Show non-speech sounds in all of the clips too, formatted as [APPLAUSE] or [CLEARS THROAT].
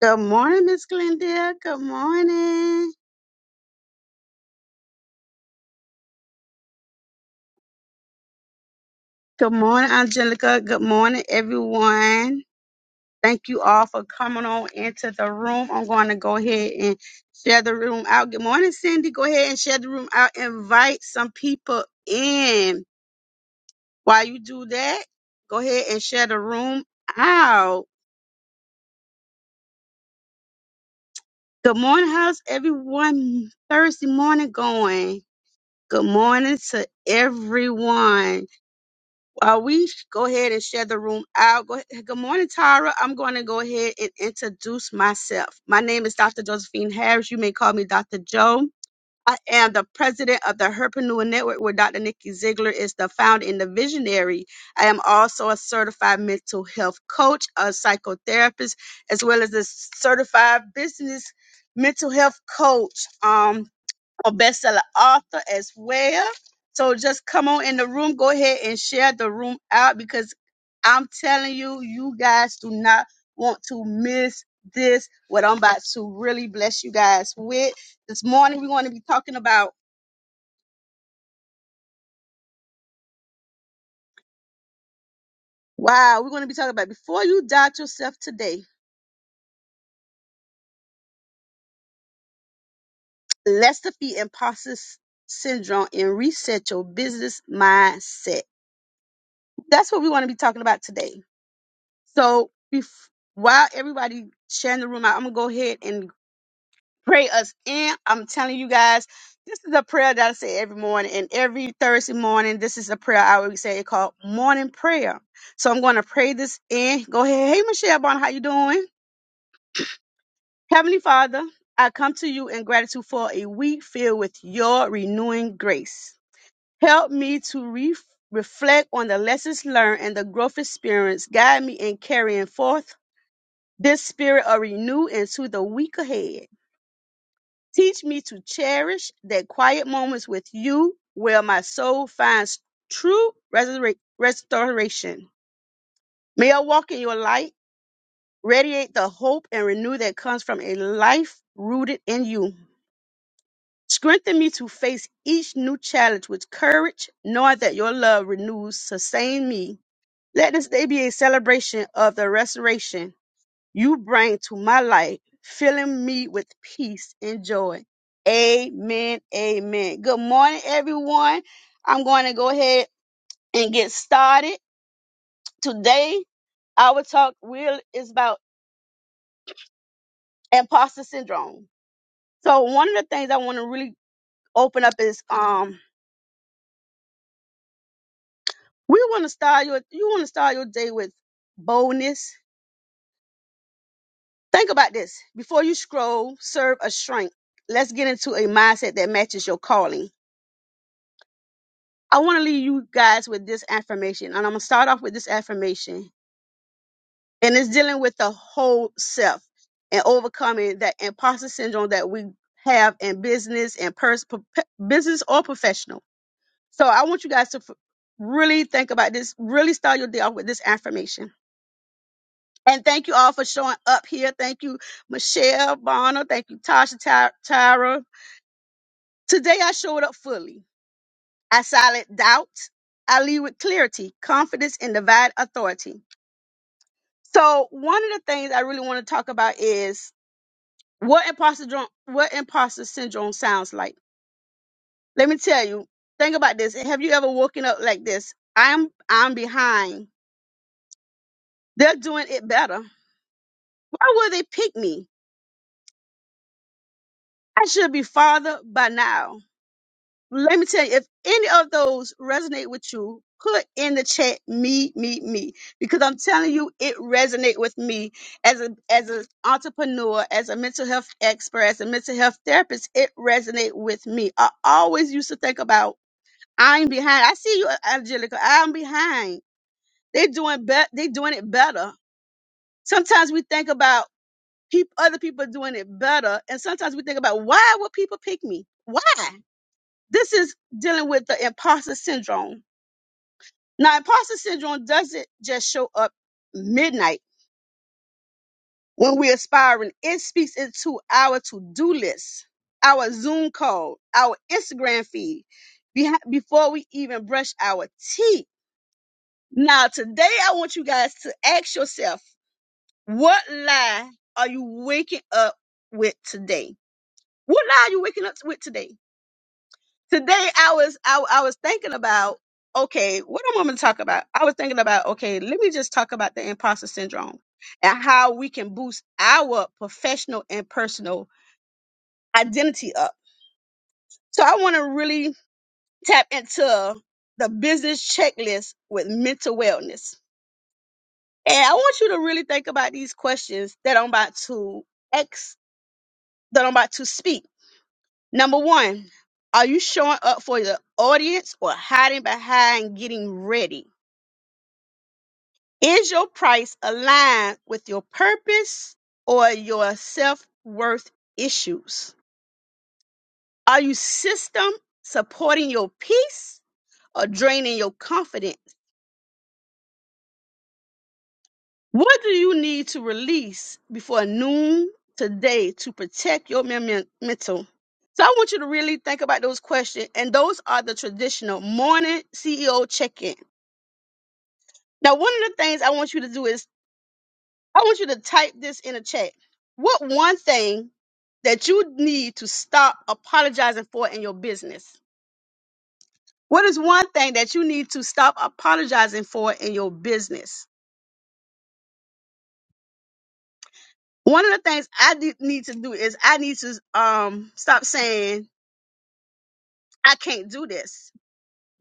Good morning, Miss Glendale. Good morning. Good morning, Angelica. Good morning, everyone. Thank you all for coming on into the room. I'm going to go ahead and share the room out. Good morning, Cindy. Go ahead and share the room out. Invite some people in. While you do that, go ahead and share the room out. Good morning, how's everyone Thursday morning going? Good morning to everyone. uh, we sh- go ahead and share the room out. Go ahead. Good morning, Tara. I'm going to go ahead and introduce myself. My name is Dr. Josephine Harris. You may call me Dr. Joe. I am the president of the Herpreneur Network, where Dr. Nikki Ziegler is the founder and the visionary. I am also a certified mental health coach, a psychotherapist, as well as a certified business mental health coach. Um, a bestseller author as well. So just come on in the room. Go ahead and share the room out because I'm telling you, you guys do not want to miss this. What I'm about to really bless you guys with this morning. We're going to be talking about wow. We're going to be talking about before you doubt yourself today. Let's defeat imposter s- syndrome and reset your business mindset. That's what we want to be talking about today. So bef- while everybody sharing the room out, I'm gonna go ahead and pray us in. I'm telling you guys, this is a prayer that I say every morning and every Thursday morning. This is a prayer I always say it called morning prayer. So I'm gonna pray this in. Go ahead. Hey Michelle Bon, how you doing? Heavenly Father, I come to you in gratitude for a week filled with your renewing grace. Help me to re- reflect on the lessons learned and the growth experience. Guide me in carrying forth this spirit of renew into the week ahead. Teach me to cherish that quiet moments with you where my soul finds true restora- restoration. May I walk in your light, radiate the hope and renew that comes from a life rooted in you. Strengthen me to face each new challenge with courage, knowing that your love renews, sustain me. Let this day be a celebration of the restoration you bring to my life, filling me with peace and joy. Amen. Amen. Good morning, everyone. I'm going to go ahead and get started. Today, our talk real is about imposter syndrome. So one of the things I want to really open up is um we want to start your you want to start your day with boldness. Think about this. Before you scroll, serve a shrink. Let's get into a mindset that matches your calling I want to leave you guys with this affirmation, and I'm gonna start off with this affirmation, and it's dealing with the whole self and overcoming that imposter syndrome that we have in business and pers- pro- business or professional. So I want you guys to f- really think about this. Really start your day off with this affirmation. And thank you all for showing up here. Thank you, Michelle Bonner. Thank you, Tasha Ty- Tyra. Today I showed up fully. I silent doubt. I lead with clarity, confidence, and divine authority. So one of the things I really want to talk about is what imposter dro- what imposter syndrome sounds like. Let me tell you. Think about this. Have you ever woken up like this? I'm I'm behind. They're doing it better. Why would they pick me? I should be farther by now. let me tell you, if any of those resonate with you, put in the chat me, me, me, because I'm telling you, it resonate with me as a as an entrepreneur, as a mental health expert, as a mental health therapist. It resonate with me. I always used to think about I'm behind. I see you, Angelica. I'm behind. They doing bet. They doing it better. Sometimes we think about people, other people doing it better, and sometimes we think about why would people pick me? Why? This is dealing with the imposter syndrome. Now, imposter syndrome doesn't just show up midnight when we're aspiring, it speaks into our to do list, our Zoom call, our Instagram feed behi- before we even brush our teeth. Now, today, I want you guys to ask yourself what lie are you waking up with today? What lie are you waking up with today? today I was I, I was thinking about okay, what I'm going to talk about. I was thinking about okay, let me just talk about the imposter syndrome and how we can boost our professional and personal identity up. So I want to really tap into the business checklist with mental wellness. And I want you to really think about these questions that I'm about to ex that I'm about to speak. Number 1, are you showing up for your audience or hiding behind getting ready? Is your price aligned with your purpose or your self worth issues? Are you system supporting your peace or draining your confidence? What do you need to release before noon today to protect your mem- mental? So I want you to really think about those questions, and those are the traditional morning CEO check-in. Now, one of the things I want you to do is I want you to type this in a chat. What one thing that you need to stop apologizing for in your business? What is one thing that you need to stop apologizing for in your business? One of the things I de- need to do is I need to um stop saying I can't do this.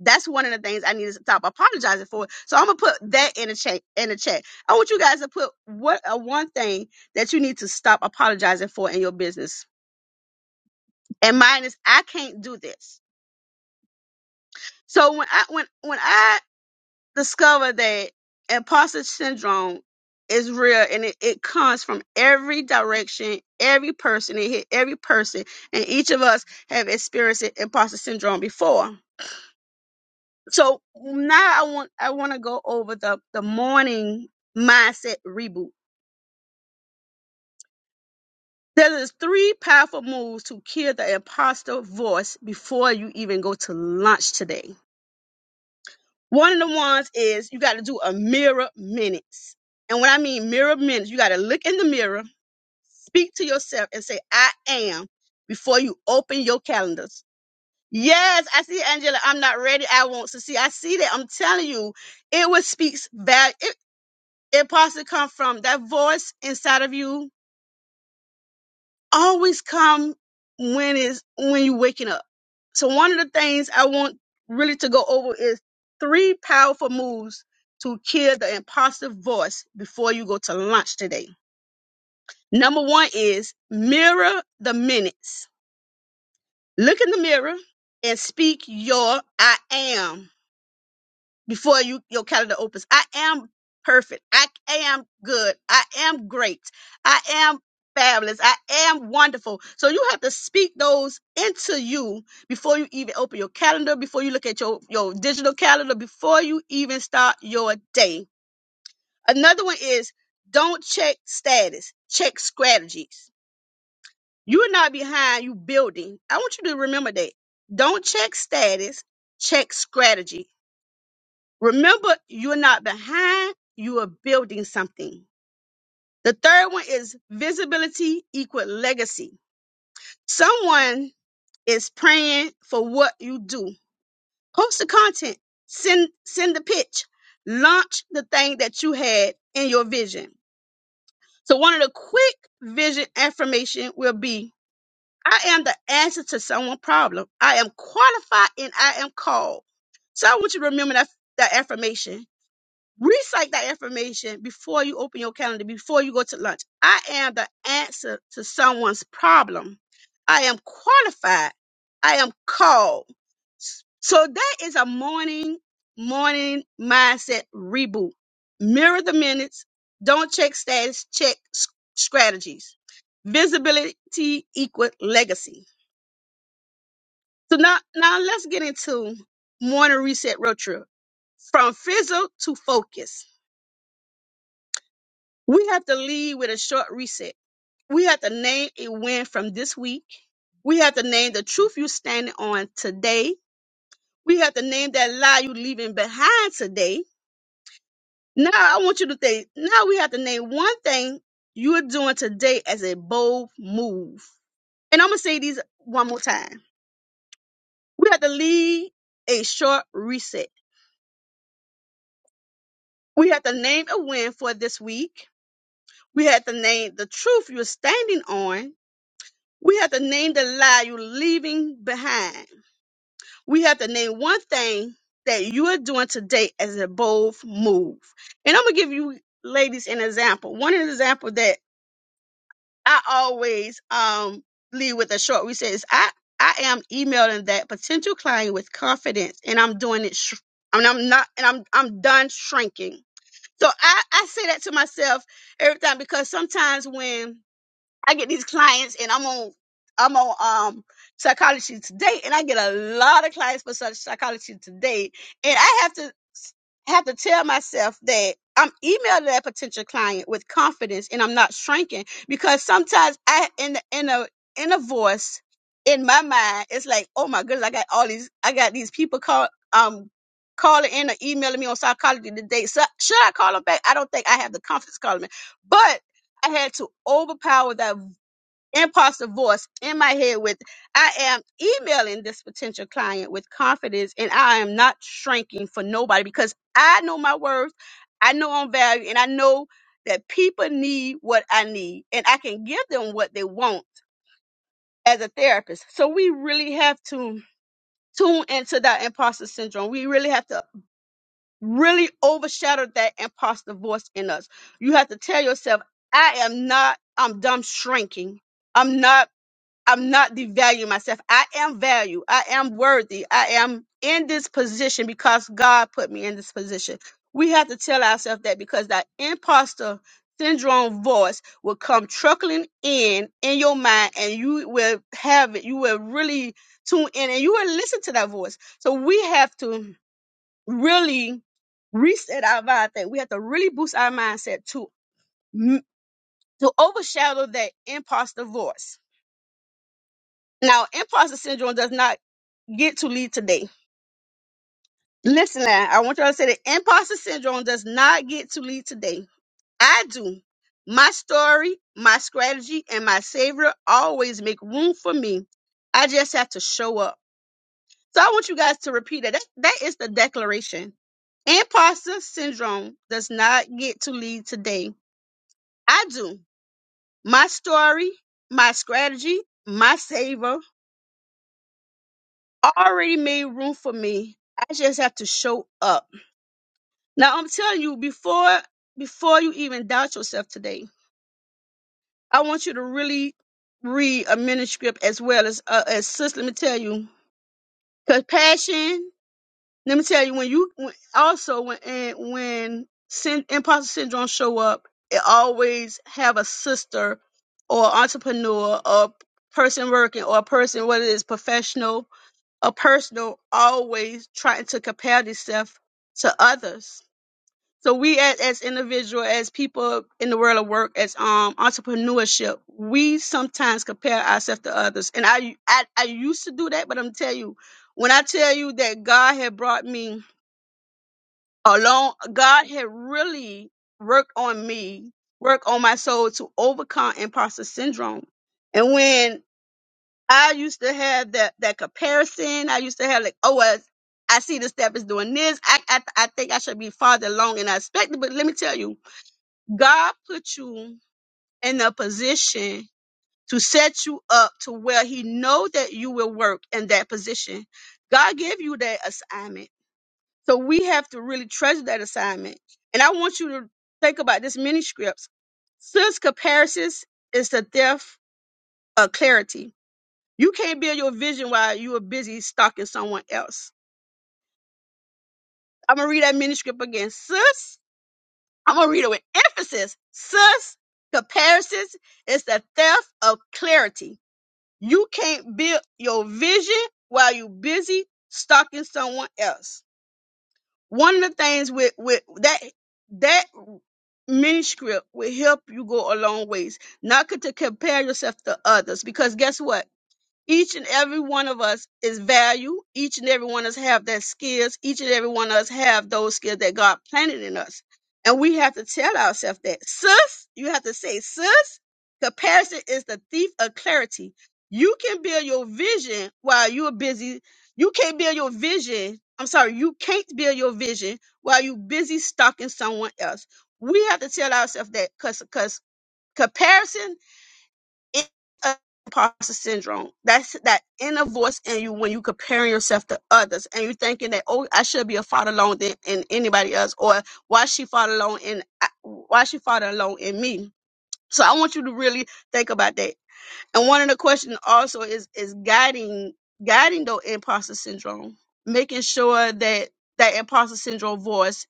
That's one of the things I need to stop apologizing for. So I'm gonna put that in the chat. In the chat, I want you guys to put what a one thing that you need to stop apologizing for in your business. And mine is I can't do this. So when I when when I discovered that imposter syndrome is real and it, it comes from every direction, every person, it hit every person, and each of us have experienced it- imposter syndrome before. So now I want I want to go over the the morning mindset reboot. There is three powerful moves to kill the imposter voice before you even go to lunch today. One of the ones is you got to do a mirror minutes. And when I mean mirror minutes, you got to look in the mirror, speak to yourself, and say, I am before you open your calendars. Yes, I see Angela. I'm not ready. I won't succeed. I see that. I'm telling you, it was speaks value. It, it possibly come from that voice inside of you always come when is when you're waking up. So one of the things I want really to go over is three powerful moves to kill the imposter voice before you go to lunch today. Number one is mirror the minutes. Look in the mirror and speak your I am. before you your calendar opens. I am perfect. I am good. I am great. I am fabulous. I am wonderful. So you have to speak those into you before you even open your calendar, before you look at your, your digital calendar, before you even start your day. Another one is don't check status, check strategies. You are not behind you building. I want you to remember that. Don't check status, check strategies Remember, you're not behind, you are building something. The third one is visibility equal legacy. Someone is praying for what you do. Post the content, send send the pitch, launch the thing that you had in your vision. So one of the quick vision affirmation will be I am the answer to someone's problem. I am qualified and I am called. So I want you to remember that, that affirmation. Recite that information before you open your calendar, before you go to lunch. I am the answer to someone's problem. I am qualified. I am called. So that is a morning, morning mindset reboot. Mirror the minutes. Don't check status, check s- strategies. Visibility equal legacy. So now, now let's get into morning reset road trip from fizzle to focus. We have to lead with a short reset. We have to name a win from this week. We have to name the truth you're standing on today. We have to name that lie you're leaving behind today. Now I want you to think, now we have to name one thing you're doing today as a bold move. And I'm going to say these one more time. We have to lead a short reset. We have to name a win for this week. We have to name the truth you're standing on We have to name the lie you're leaving behind. We have to name one thing that you are doing today as a bold move. And I'm gonna give you ladies an example. One example that I always um leave with a short reset is I I am emailing that potential client with confidence, and I'm doing it. Sh- I mean, I'm not, and I'm I'm done shrinking. So I I say that to myself every time because sometimes when I get these clients and I'm on I'm on um psychology today and I get a lot of clients for Psych- psychology today and I have to have to tell myself that I'm emailing that potential client with confidence and I'm not shrinking because sometimes I in the, in a in a voice in my mind it's like oh my goodness I got all these I got these people call um calling in or emailing me on psychology today so should I call them back I don't think I have the confidence calling me but I had to overpower that imposter voice in my head with I am emailing this potential client with confidence and I am not shrinking for nobody because I know my worth, I know I'm value, and I know that people need what I need and I can give them what they want as a therapist. So we really have to tune into that imposter syndrome. We really have to really overshadow that imposter voice in us. You have to tell yourself, I am not, I'm dumb shrinking. I'm not I'm not devaluing myself. I am value. I am worthy. I am in this position because God put me in this position. We have to tell ourselves that because that imposter syndrome voice will come truckling in in your mind and you will have it. You will really tune in and you will listen to that voice. So we have to really reset our mind that we have to really boost our mindset to to overshadow that imposter voice now, imposter syndrome does not get to lead today. Listen, now, I want y'all to say that imposter syndrome does not get to lead today. I do. My story, my strategy, and my savior always make room for me. I just have to show up. So I want you guys to repeat that. That, that is the declaration. Imposter syndrome does not get to lead today. I do. My story, my strategy, my savior already made room for me. I just have to show up. Now I'm telling you, before before you even doubt yourself today, I want you to really read a manuscript as well as uh, as sister. Let me tell you, compassion. Let me tell you, when you when, also when and when sin, imposter syndrome show up, it always have a sister or entrepreneur or person working or a person whether it's professional a person always trying to compare themselves to others. So we as, as individual, as people in the world of work, as um entrepreneurship, we sometimes compare ourselves to others. And I, I I used to do that, but I'm tell you, when I tell you that God had brought me along, God had really worked on me, worked on my soul to overcome imposter syndrome. And when I used to have that that comparison. I used to have like, oh, well, I see the step is doing this. I, I I think I should be farther along, and I expect it. But let me tell you, God put you in a position to set you up to where He know that you will work in that position. God gave you that assignment, so we have to really treasure that assignment. And I want you to think about this mini scripts. Since comparisons is the death of clarity you can't build your vision while you are busy stalking someone else. I'm gonna read that manuscript again, sis. I'm gonna read it with emphasis, sis. Comparisons is the theft of clarity. You can't build your vision while you're busy stalking someone else. One of the things with with that that manuscript will help you go a long ways. Not to compare yourself to others, because guess what? Each and every one of us is value. Each and every one of us have that skills. Each and every one of us have those skills that God planted in us. And we have to tell ourselves that. Sis, you have to say, sis, comparison is the thief of clarity. You can build your vision while you're busy. You can't build your vision. I'm sorry, you can't build your vision while you're busy stalking someone else. We have to tell ourselves that because comparison it's a imposter syndrome. That's that inner voice in you when you comparing yourself to others and you are thinking that, oh, I should be a father alone than in anybody else, or why she father alone in why she father alone in me. So I want you to really think about that. And one of the questions also is is guiding guiding the imposter syndrome, making sure that that imposter syndrome voice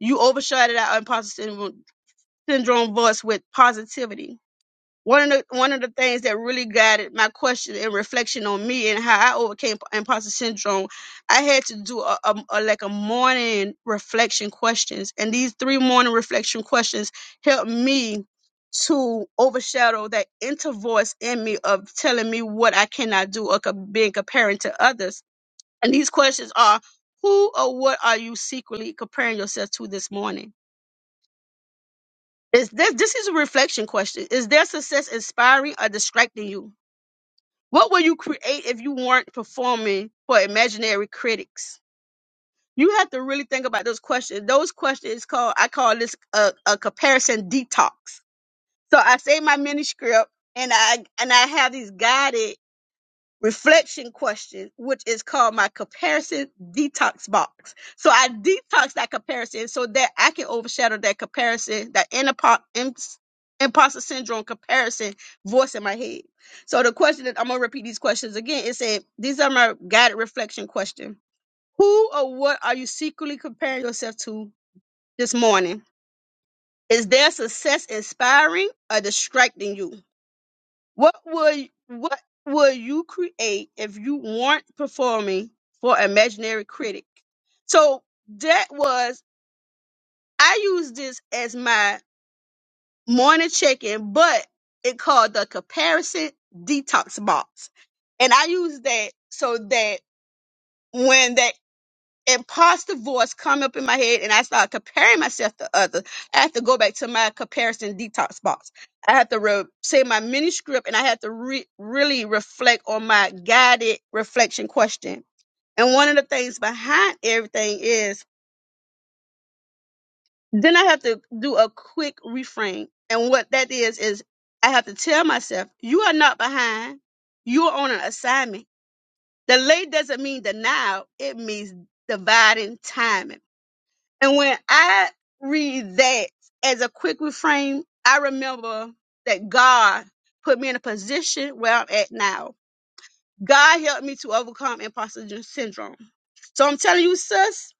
you overshadowed that imposter syndrome, syndrome voice with positivity one of the one of the things that really guided my question and reflection on me and how I overcame imposter syndrome, I had to do a, a, a like a morning reflection questions, and these three morning reflection questions helped me to overshadow that inner voice in me of telling me what I cannot do or co- being comparing to others. And these questions are: Who or what are you secretly comparing yourself to this morning? Is this this is a reflection question? Is their success inspiring or distracting you? What will you create if you weren't performing for imaginary critics? You have to really think about those questions. Those questions called I call this a, a comparison detox. So I say my mini script and I and I have these guided reflection question, which is called my comparison detox box. So I detox that comparison so that I can overshadow that comparison, that inner po- im- imposter syndrome comparison voice in my head. So the question that I'm gonna repeat these questions again. It said, these are my guided reflection question. Who or what are you secretly comparing yourself to this morning? Is their success inspiring or distracting you? What would what would you create if you weren't performing for imaginary critic? So that was I use this as my morning check-in, but it called the comparison detox box. And I use that so that when that imposter voice come up in my head and I start comparing myself to others. I have to go back to my comparison detox box. I have to re- say my mini script and I have to re- really reflect on my guided reflection question. And one of the things behind everything is then I have to do a quick reframe. And what that is, is I have to tell myself, you are not behind. You're on an assignment. Delay doesn't mean denial. It means dividing timing. And when I read that as a quick refrain, I remember that God put me in a position where I'm at now. God helped me to overcome imposter gen- syndrome. So I'm telling you, sis,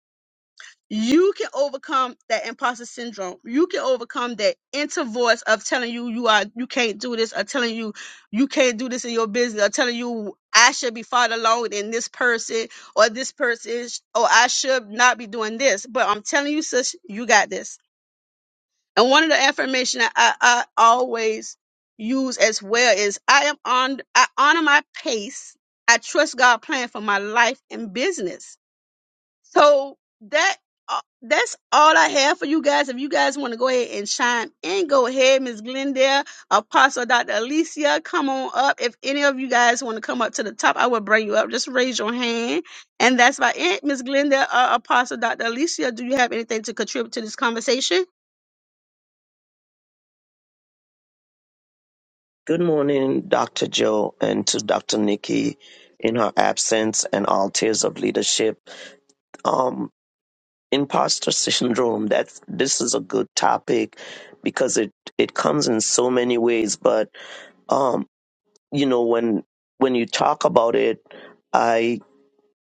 you can overcome that imposter syndrome. You can overcome that inner voice of telling you you are you can't do this, or telling you you can't do this in your business, or telling you I should be farther along than this person, or this person, is- or I should not be doing this. But I'm telling you, sis, you got this and one of the affirmation I, I, always use as well is I am on I honor my pace. I trust God plan for my life and business. So that uh, that's all I have for you guys. If you guys want to go ahead and chime in, go ahead, Miss Glendale, Apostle Dr. Alicia, come on up. If any of you guys want to come up to the top, I will bring you up. Just raise your hand. And that's about it. Miss Glendale, uh, Apostle Dr. Alicia, do you have anything to contribute to this conversation? Good morning, Dr. Joe, and to Dr. Nikki in her absence and all tiers of leadership. Um, imposter syndrome, that's, this is a good topic because it, it comes in so many ways. But, um, you know, when, when you talk about it,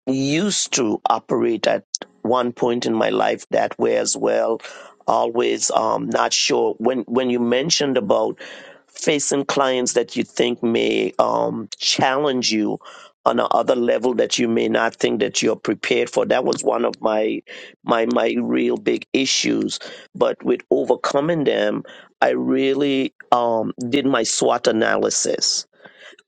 used to operate at one point in my life that way as well. Always um, not sure when when you mentioned about facing clients that you think may um, challenge you on a other level that you may not think that you're prepared for. That was one of my my my real big issues. But with overcoming them, I really um, did my SWOT analysis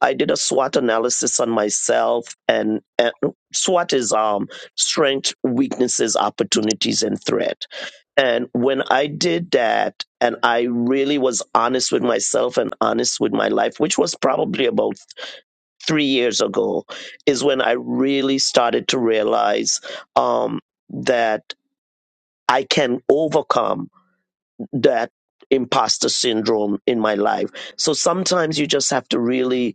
I did a SWOT analysis on myself, and, and SWOT is um, strength, weaknesses, opportunities, and threat. And when I did that, and I really was honest with myself and honest with my life, which was probably about three years ago, is when I really started to realize um, that I can overcome that imposter syndrome in my life. So sometimes you just have to really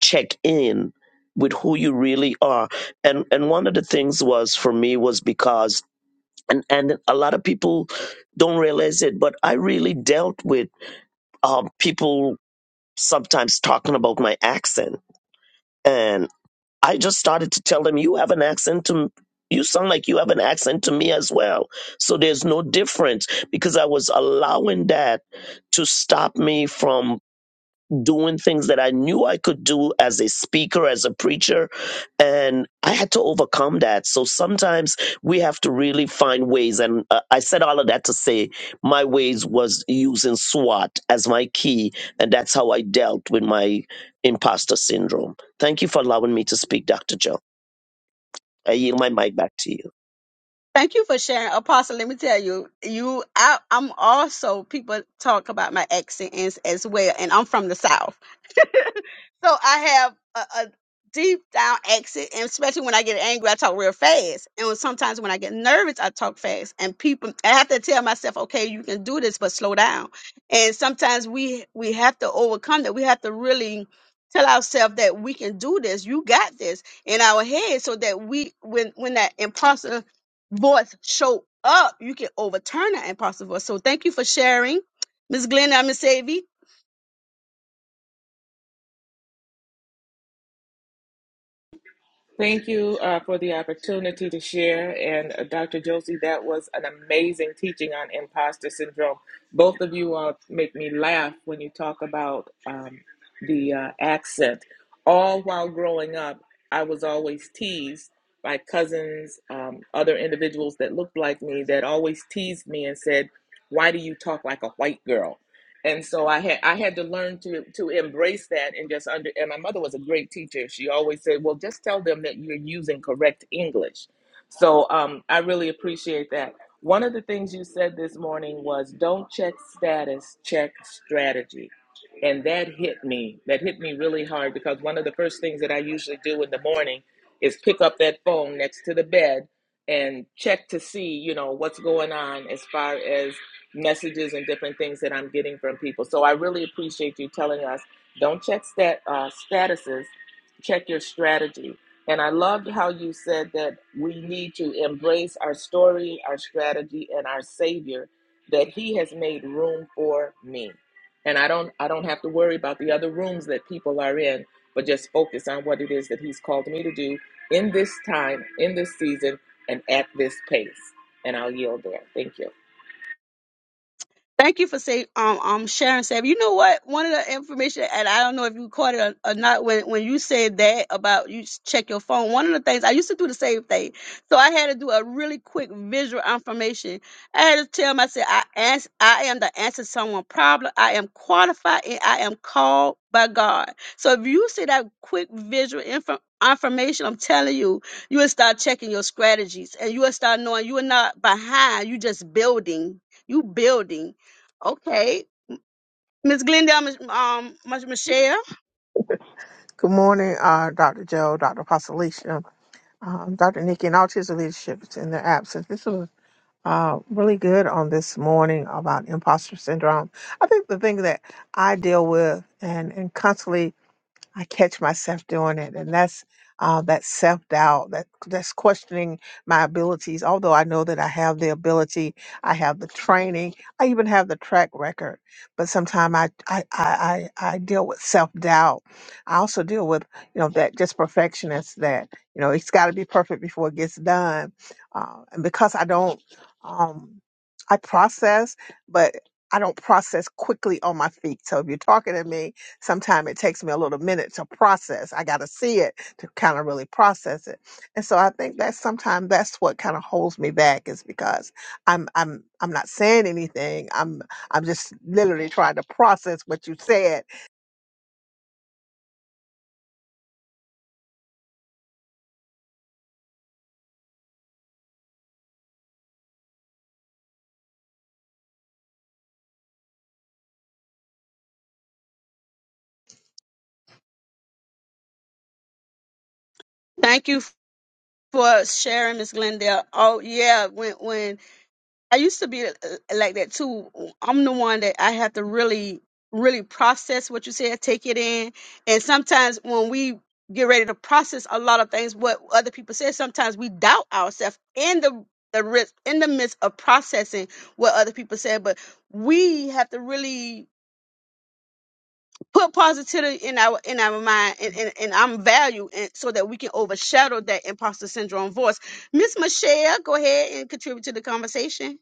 check in with who you really are and and one of the things was for me was because and and a lot of people don't realize it but i really dealt with um, people sometimes talking about my accent and i just started to tell them you have an accent to you sound like you have an accent to me as well so there's no difference because i was allowing that to stop me from doing things that I knew I could do as a speaker, as a preacher, and I had to overcome that. So sometimes we have to really find ways. And uh, I said all of that to say my ways was using SWAT as my key, and that's how I dealt with my imposter syndrome. Thank you for allowing me to speak, Dr. Joe. I yield my mic back to you. Thank you for sharing, Apostle. Let me tell you, you, I, I'm also people talk about my accent as, as well, and I'm from the South. So I have a, a deep down accent, and especially when I get angry, I talk real fast. And when, sometimes when I get nervous, I talk fast. And people, I have to tell myself, okay, you can do this, but slow down. And sometimes we we have to overcome that. We have to really tell ourselves that we can do this. You got this in our head, so that we when when that imposter voice show up, you can overturn that imposter voice. So thank you for sharing, Miss Glenda, I'm Miss Savy. Thank you uh, for the opportunity to share. And uh, Dr. Josie, that was an amazing teaching on imposter syndrome. Both of you all make me laugh when you talk about um, the uh, accent. All while growing up, I was always teased by cousins, um, other individuals that looked like me that always teased me and said, Why do you talk like a white girl? and so I had I had to learn to to embrace that and just under and my mother was a great teacher. She always said, "Well, just tell them that you're using correct English." So um, I really appreciate that. One of the things you said this morning was, "Don't check status, check strategy," and that hit me. That hit me really hard because one of the first things that I usually do in the morning is pick up that phone next to the bed and check to see, you know, what's going on as far as messages and different things that I'm getting from people. So I really appreciate you telling us don't check stat, uh, statuses, check your strategy. And I loved how you said that we need to embrace our story, our strategy, and our Savior that He has made room for me. And I don't, I don't have to worry about the other rooms that people are in, but just focus on what it is that He's called me to do in this time, in this season, and at this pace. And I'll yield there. Thank you. Thank you for say um um sharing Sam. You know what? One of the information, and I don't know if you caught it or, or not, when when you said that about you s- check your phone. One of the things I used to do the same thing, so I had to do a really quick visual affirmation. I had to tell myself, I ans- I am the answer to someone problem. I am qualified and I am called by God. So if you see that quick visual info. Affirmation, I'm telling you, you will start checking your strategies and you will start knowing you are not behind, you just building. You building. Okay. Miss Glendale, Miss- um, Miss Michelle, Good morning, uh, Dr. Joe, Dr. Pasalicia, um, Dr. Nikki, and all tiers of leadership in their absence. This was uh, really good on this morning about imposter syndrome. I think the thing that I deal with and, and constantly I catch myself doing it, and that's uh, that self doubt, that that's questioning my abilities. Although I know that I have the ability, I have the training, I even have the track record, but sometimes I I, I I I deal with self doubt. I also deal with you know that just perfectionist that you know it's got to be perfect before it gets done, uh, and because I don't, um, I process, but I don't process quickly on my feet. So if you're talking to me Sometimes it takes me a little minute to process. I got to see it to kind of really process it. And so I think that sometimes that's what kind of holds me back is because I'm I'm I'm not saying anything. I'm I'm just literally trying to process what you said thank you for sharing, Miss Glendale. Oh yeah, when when I used to be uh, uh, like that too. I'm the one that I have to really, really process what you said, take it in, and sometimes when we get ready to process a lot of things, what other people say, sometimes we doubt ourselves in the the risk in the midst of processing what other people said, but we have to really put positivity in our in our mind and, and, and I'm value and so that we can overshadow that imposter syndrome voice. Miss Michelle, go ahead and contribute to the conversation.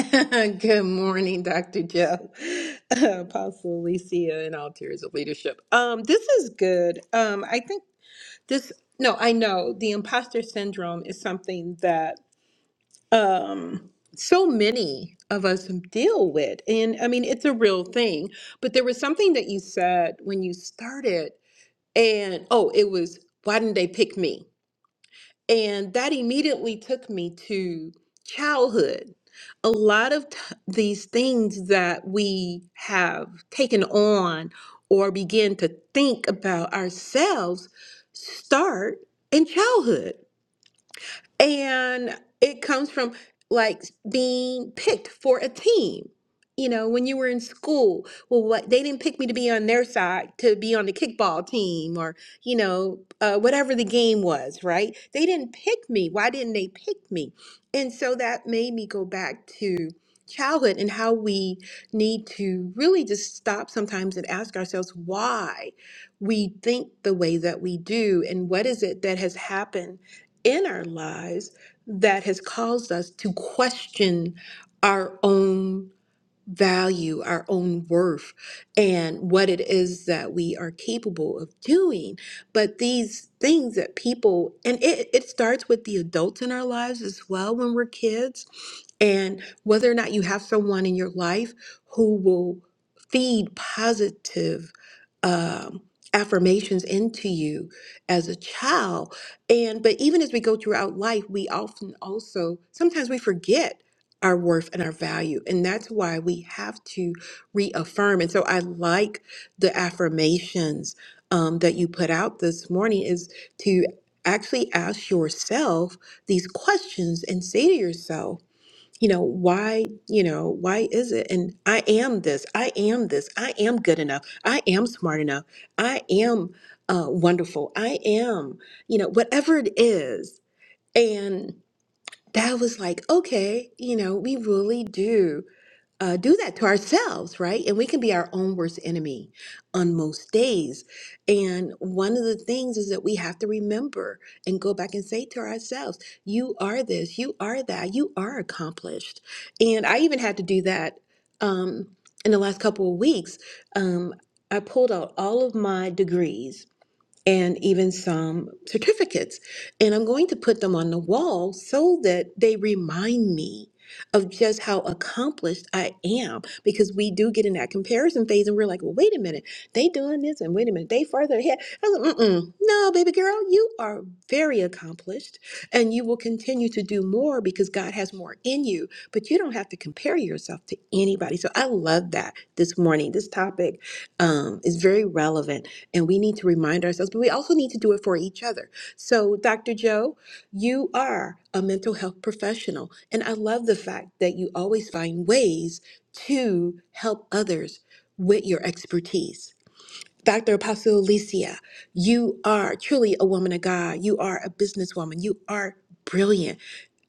[LAUGHS] Good morning, Dr. Joe, [LAUGHS] Apostle Alicia, and all tiers of leadership. Um, this is good. Um, I think this, no, I know the imposter syndrome is something that um, so many of us deal with. And I mean, it's a real thing. But there was something that you said when you started, and oh, it was, why didn't they pick me? And that immediately took me to childhood. A lot of t- these things that we have taken on or begin to think about ourselves start in childhood. And it comes from like being picked for a team. You know, when you were in school, well, what they didn't pick me to be on their side, to be on the kickball team or, you know, uh, whatever the game was, right? They didn't pick me. Why didn't they pick me? And so that made me go back to childhood and how we need to really just stop sometimes and ask ourselves why we think the way that we do and what is it that has happened in our lives that has caused us to question our own value, our own worth, and what it is that we are capable of doing. But these things that people, and it, it starts with the adults in our lives as well when we're kids, and whether or not you have someone in your life who will feed positive um, affirmations into you as a child and but even as we go throughout life we often also sometimes we forget our worth and our value. And that's why we have to reaffirm. And so I like the affirmations um, that you put out this morning is to actually ask yourself these questions and say to yourself, you know, why, you know, why is it? And I am this, I am this, I am good enough, I am smart enough, I am uh, wonderful, I am, you know, whatever it is that was like, okay, you know, we really do uh, do that to ourselves, right? And we can be our own worst enemy on most days. And one of the things is that we have to remember and go back and say to ourselves, you are this, you are that, you are accomplished. And I even had to do that um, in the last couple of weeks. Um, I pulled out all of my degrees and even some certificates. And I'm going to put them on the wall so that they remind me of just how accomplished I am because we do get in that comparison phase and we're like, well, wait a minute, they doing this and wait a minute, they farther ahead. I was like, Mm-mm. no, baby girl, you are very accomplished and you will continue to do more because God has more in you, but you don't have to compare yourself to anybody. So I love that this morning. This topic um, is very relevant and we need to remind ourselves, but we also need to do it for each other. So, Dr. Joe, you are a mental health professional. And I love the fact that you always find ways to help others with your expertise. Dr. Apostle Alicia, you are truly a woman of God. You are a businesswoman. You are brilliant.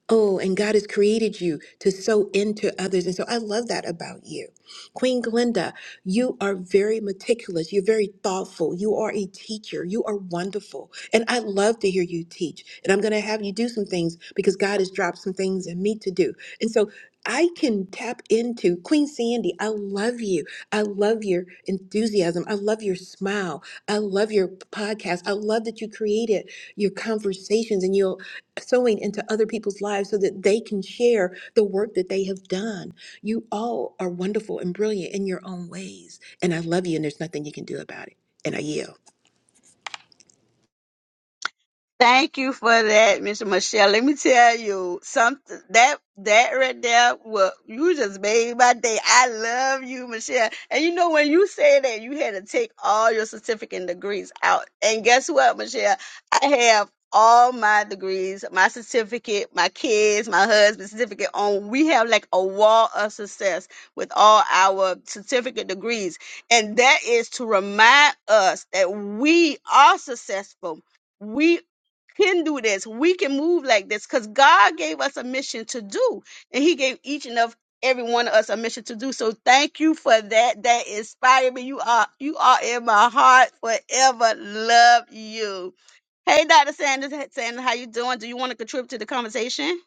Oh, and God has created you to sow into others. And so I love that about you. Queen Glinda, you are very meticulous. You're very thoughtful. You are a teacher. You are wonderful. And I love to hear you teach. And I'm going to have you do some things because God has dropped some things in me to do. And so I can tap into Queen Sandy. I love you. I love your enthusiasm. I love your smile. I love your podcast. I love that you created your conversations and you'll sowing into other people's lives so that they can share the work that they have done. You all are wonderful and brilliant in your own ways. And I love you, and there's nothing you can do about it. And I yield. Thank you for that, Miss Michelle. Let me tell you something that that right there well you just made my day. I love you, Michelle. And you know when you said that you had to take all your certificate and degrees out. And guess what, Michelle? I have all my degrees, my certificate, my kids, my husband's certificate on we have like a wall of success with all our certificate degrees. And that is to remind us that we are successful We can do this. We can move like this because God gave us a mission to do, and He gave each and of every one of us a mission to do. So thank you for that. That inspired me. You are you are in my heart forever. Love you. Hey, Dr. Sanders, hey, Sanders, how you doing? Do you want to contribute to the conversation?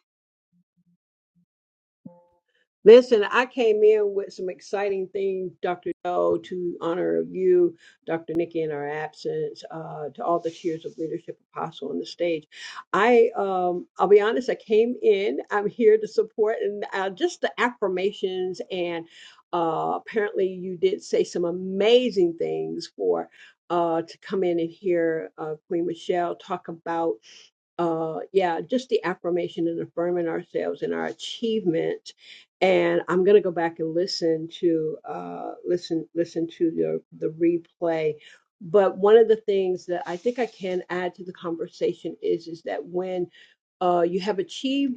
Listen, I came in with some exciting things, Dr. Doe, to honor you, Dr. Nikki in our absence, uh, to all the tiers of leadership apostle on the stage. I, um, I'll be honest, I came in, I'm here to support and uh, just the affirmations and uh, apparently you did say some amazing things for uh, to come in and hear uh, Queen Michelle talk about uh yeah just the affirmation and affirming ourselves and our achievement and i'm going to go back and listen to uh listen listen to the the replay but one of the things that i think i can add to the conversation is is that when uh, you have achieved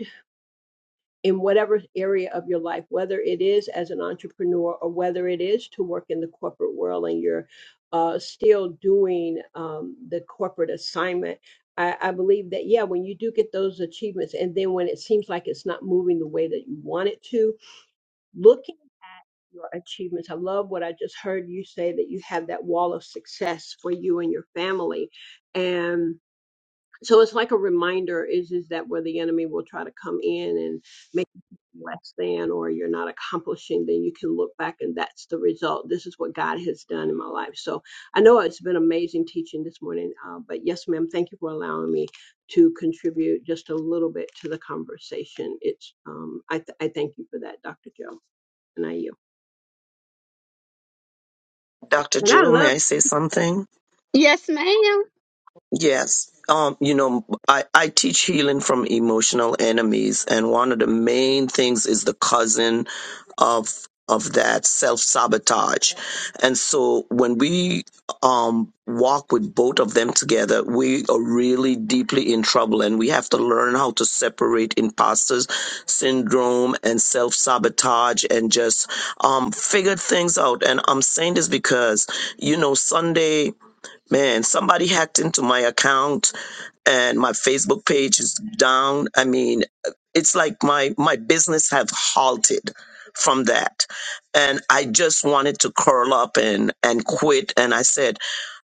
in whatever area of your life, whether it is as an entrepreneur or whether it is to work in the corporate world and you're uh, still doing um, the corporate assignment. I, I believe that, yeah, when you do get those achievements, and then when it seems like it's not moving the way that you want it to, looking at your achievements. I love what I just heard you say that you have that wall of success for you and your family. And so it's like a reminder is is that where the enemy will try to come in and make you feel less than or you're not accomplishing then you can look back and that's the result this is what god has done in my life so i know it's been amazing teaching this morning uh, but yes ma'am thank you for allowing me to contribute just a little bit to the conversation it's um i, th- I thank you for that dr joe and i you Dr. and i Jewel, love may I say something? Yes, ma'am. Yes. Um, you know, I, I teach healing from emotional enemies, and one of the main things is the cousin of of that self sabotage. And so when we um walk with both of them together, we are really deeply in trouble and we have to learn how to separate imposter syndrome and self sabotage and just um figure things out. And I'm saying this because, you know, Sunday Man, somebody hacked into my account and my Facebook page is down. I mean, it's like my my business have halted from that. And I just wanted to curl up and and quit and I said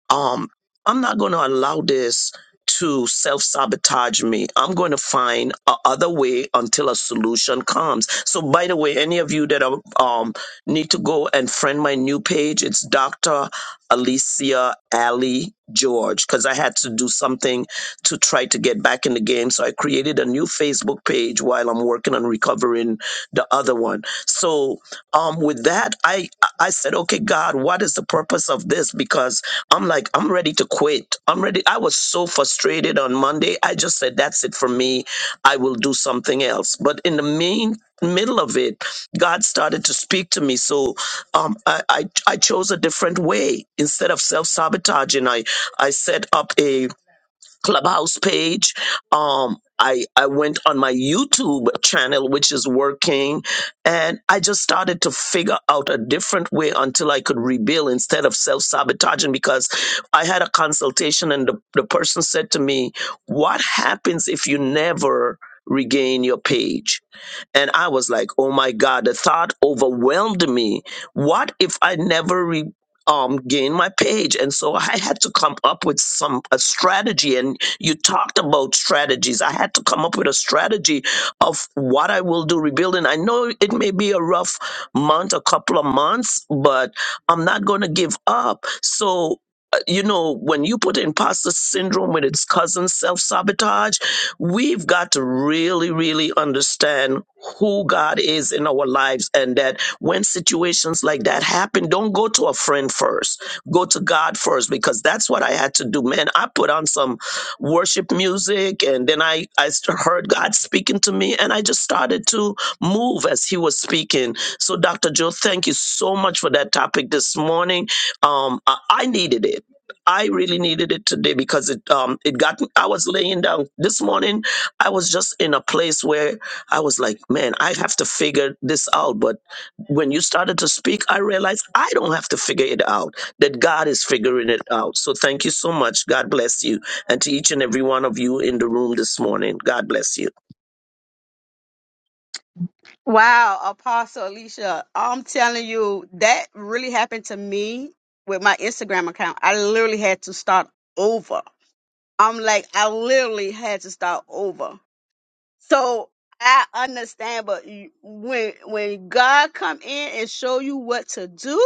um, I'm not going to allow this to self sabotage me. I'm going to find a other way until a solution comes. So, by the way, any of you that are, um, need to go and friend my new page, it's Dr. Alicia Ali George, because I had to do something to try to get back in the game. So, I created a new Facebook page while I'm working on recovering the other one. So, um, with that, I, I said, okay, God, what is the purpose of this? Because I'm like, I'm ready to quit. I'm ready. I was so frustrated on Monday. I just said, that's it for me. I will do something else. But in the main middle of it, God started to speak to me. So um, I, I, I chose a different way. Instead of self sabotaging, I, I set up a clubhouse page um i i went on my youtube channel which is working and i just started to figure out a different way until i could rebuild instead of self-sabotaging because i had a consultation and the, the person said to me what happens if you never regain your page and i was like oh my god the thought overwhelmed me what if i never um, gain my page. And so I had to come up with some a strategy. And you talked about strategies. I had to come up with a strategy of what I will do rebuilding. I know it may be a rough month, a couple of months, but I'm not going to give up. So. uh, You know, when you put imposter syndrome with its cousin self sabotage, we've got to really, really understand who God is in our lives and that when situations like that happen, don't go to a friend first. Go to God first because that's what I had to do. Man, I put on some worship music and then I, I st- heard God speaking to me and I just started to move as He was speaking. So, Dr. Joe, thank you so much for that topic this morning. Um, I, I needed it. I really needed it today because it um it got me- I was laying down this morning I was just in a place where I was like man I have to figure this out but when you started to speak, I realized I don't have to figure it out, that God is figuring it out. So thank you so much. God bless you. And to each and every one of you in the room this morning, God bless you. Wow, Apostle Alicia, I'm telling you, that really happened to me with my Instagram account. I literally had to start over I'm like, I literally had to start over. So I understand, but you- when when God come in and show you what to do,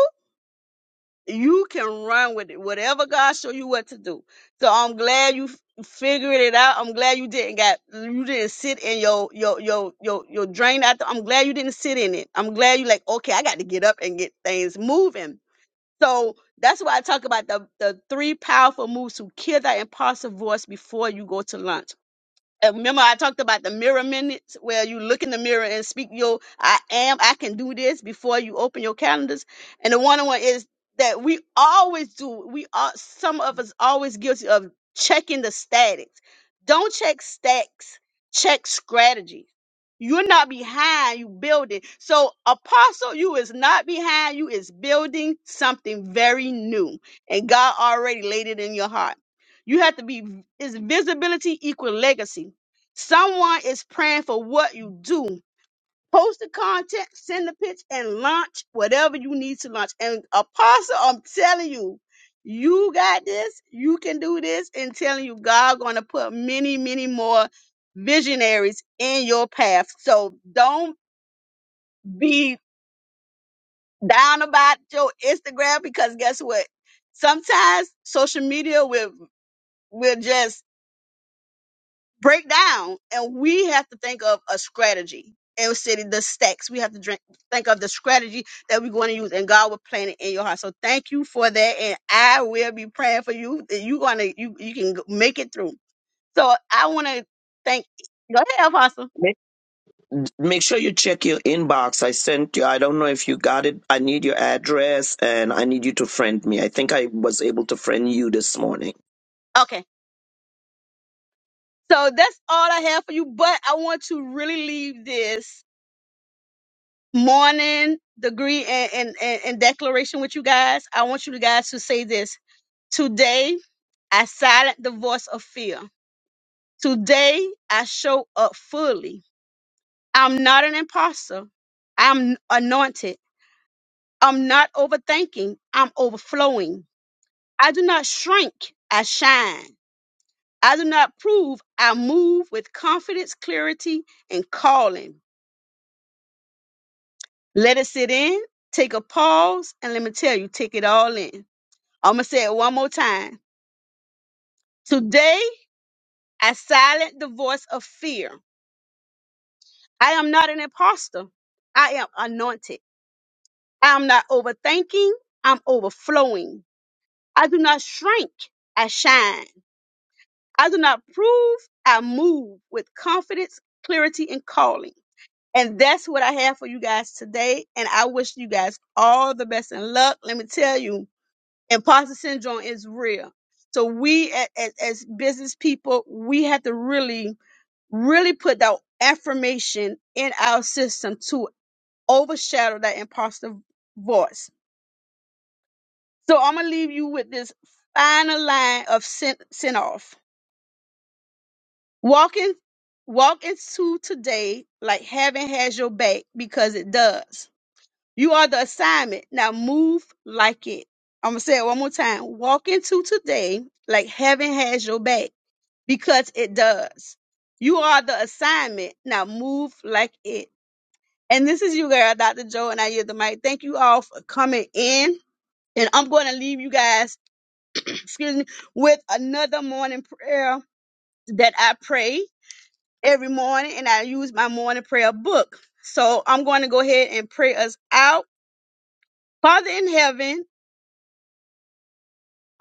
you can run with it. Whatever God show you what to do. So I'm glad you f- figured it out. I'm glad you didn't got you didn't sit in your your your your your drain out. I'm glad you didn't sit in it. I'm glad you like okay, I got to get up and get things moving. So that's why I talk about the, the three powerful moves to kill that impossible voice before you go to lunch uh, Remember, I talked about the mirror minutes where you look in the mirror and speak your I am, I can do this before you open your calendars. And the one on one is that we always do, we are, some of us always guilty of checking the statics. Don't check stacks, check strategy. You're not behind, you building. So, apostle, you is not behind, you is building something very new. And God already laid it in your heart. You have to be, is visibility equal legacy Someone is praying for what you do. Post the content, send the pitch, and launch whatever you need to launch. And Apostle, I'm telling you, you got this. You can do this. And telling you, God going to put many, many more visionaries in your path. So don't be down about your Instagram because guess what? Sometimes social media will will just break down and we have to think of a strategy and city the stacks we have to drink, think of the strategy that we're going to use and god will plant it in your heart so thank you for that and i will be praying for you that you're going to you, you can g- make it through so i want to thank go ahead apostle make sure you check your inbox. I sent you, I don't know if you got it. I need your address and I need you to friend me. I think I was able to friend you this morning. okay so that's all i have for you but i want to really leave this morning degree and, and, and, and declaration with you guys i want you guys to say this Today, I silence the voice of fear. Today, I show up fully. I'm not an imposter. I'm anointed. I'm not overthinking. I'm overflowing. I do not shrink. I shine. I do not prove. I move with confidence, clarity, and calling. Let it sit in. Take a pause. And let me tell you, take it all in. I'm going to say it one more time. Today, I silence the voice of fear. I am not an imposter. I am anointed. I am not overthinking. I'm overflowing. I do not shrink. I shine. I do not prove. I move with confidence, clarity, and calling. And that's what I have for you guys today. And I wish you guys all the best and luck. Let me tell you, imposter syndrome is real. So we a- as, as business people, we have to really, really put that affirmation in our system to. overshadow that imposter voice. So I'm gonna leave you with this final line of sent off. Walking walk into today like heaven has your back because it does. You are the assignment. Now move like it. I'm gonna say it one more time. Walk into today like heaven has your back because it does. You are the assignment. Now move like it. And this is you, girl, Dr. Joe, and I hear the mic. Thank you all for coming in. And I'm going to leave you guys, [CLEARS THROAT] excuse me, with another morning prayer that I pray every morning, and I use my morning prayer book. So I'm going to go ahead and pray us out. Father in heaven,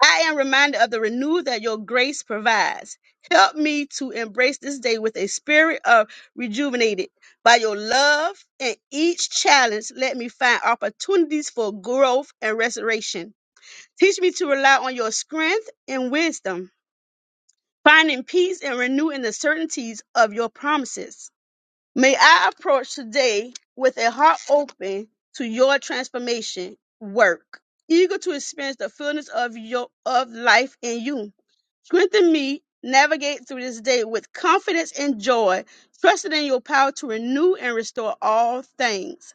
I am reminded of the renewal that your grace provides. Help me to embrace this day with a spirit of rejuvenated by your love and each challenge. Let me find opportunities for growth and restoration. Teach me to rely on your strength and wisdom finding peace and renewing the certainties of your promises. May I approach today with a heart open to your transformation work, eager to experience the fullness of your of life in you. Strengthen me, navigate through this day with confidence and joy, trusting in your power to renew and restore all things.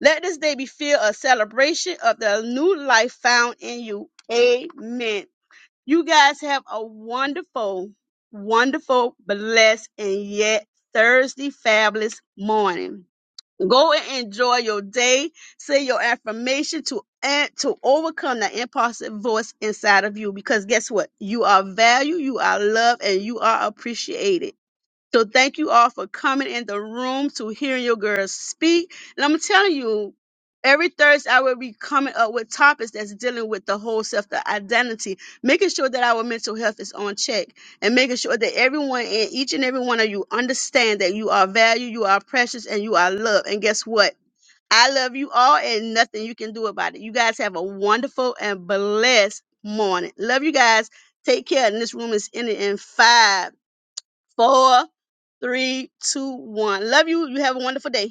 Let this day be filled a celebration of the new life found in you. Amen. You guys have a wonderful, wonderful, blessed, and yet Thursday fabulous morning. Go and enjoy your day. Say your affirmation to and to overcome the impulsive voice inside of you. Because guess what? You are valued, you are loved, and you are appreciated. So thank you all for coming in the room to hearing your girls speak. And I'm telling you, every Thursday I will be coming up with topics that's dealing with the whole self, the identity, making sure that our mental health is on check and making sure that everyone and each and every one of you understand that you are valued, you are precious, and you are loved. And guess what? I love you all and nothing you can do about it. You guys have a wonderful and blessed morning. Love you guys. Take care. And this room is ending in five, four, Three, two, one. Love you. You have a wonderful day.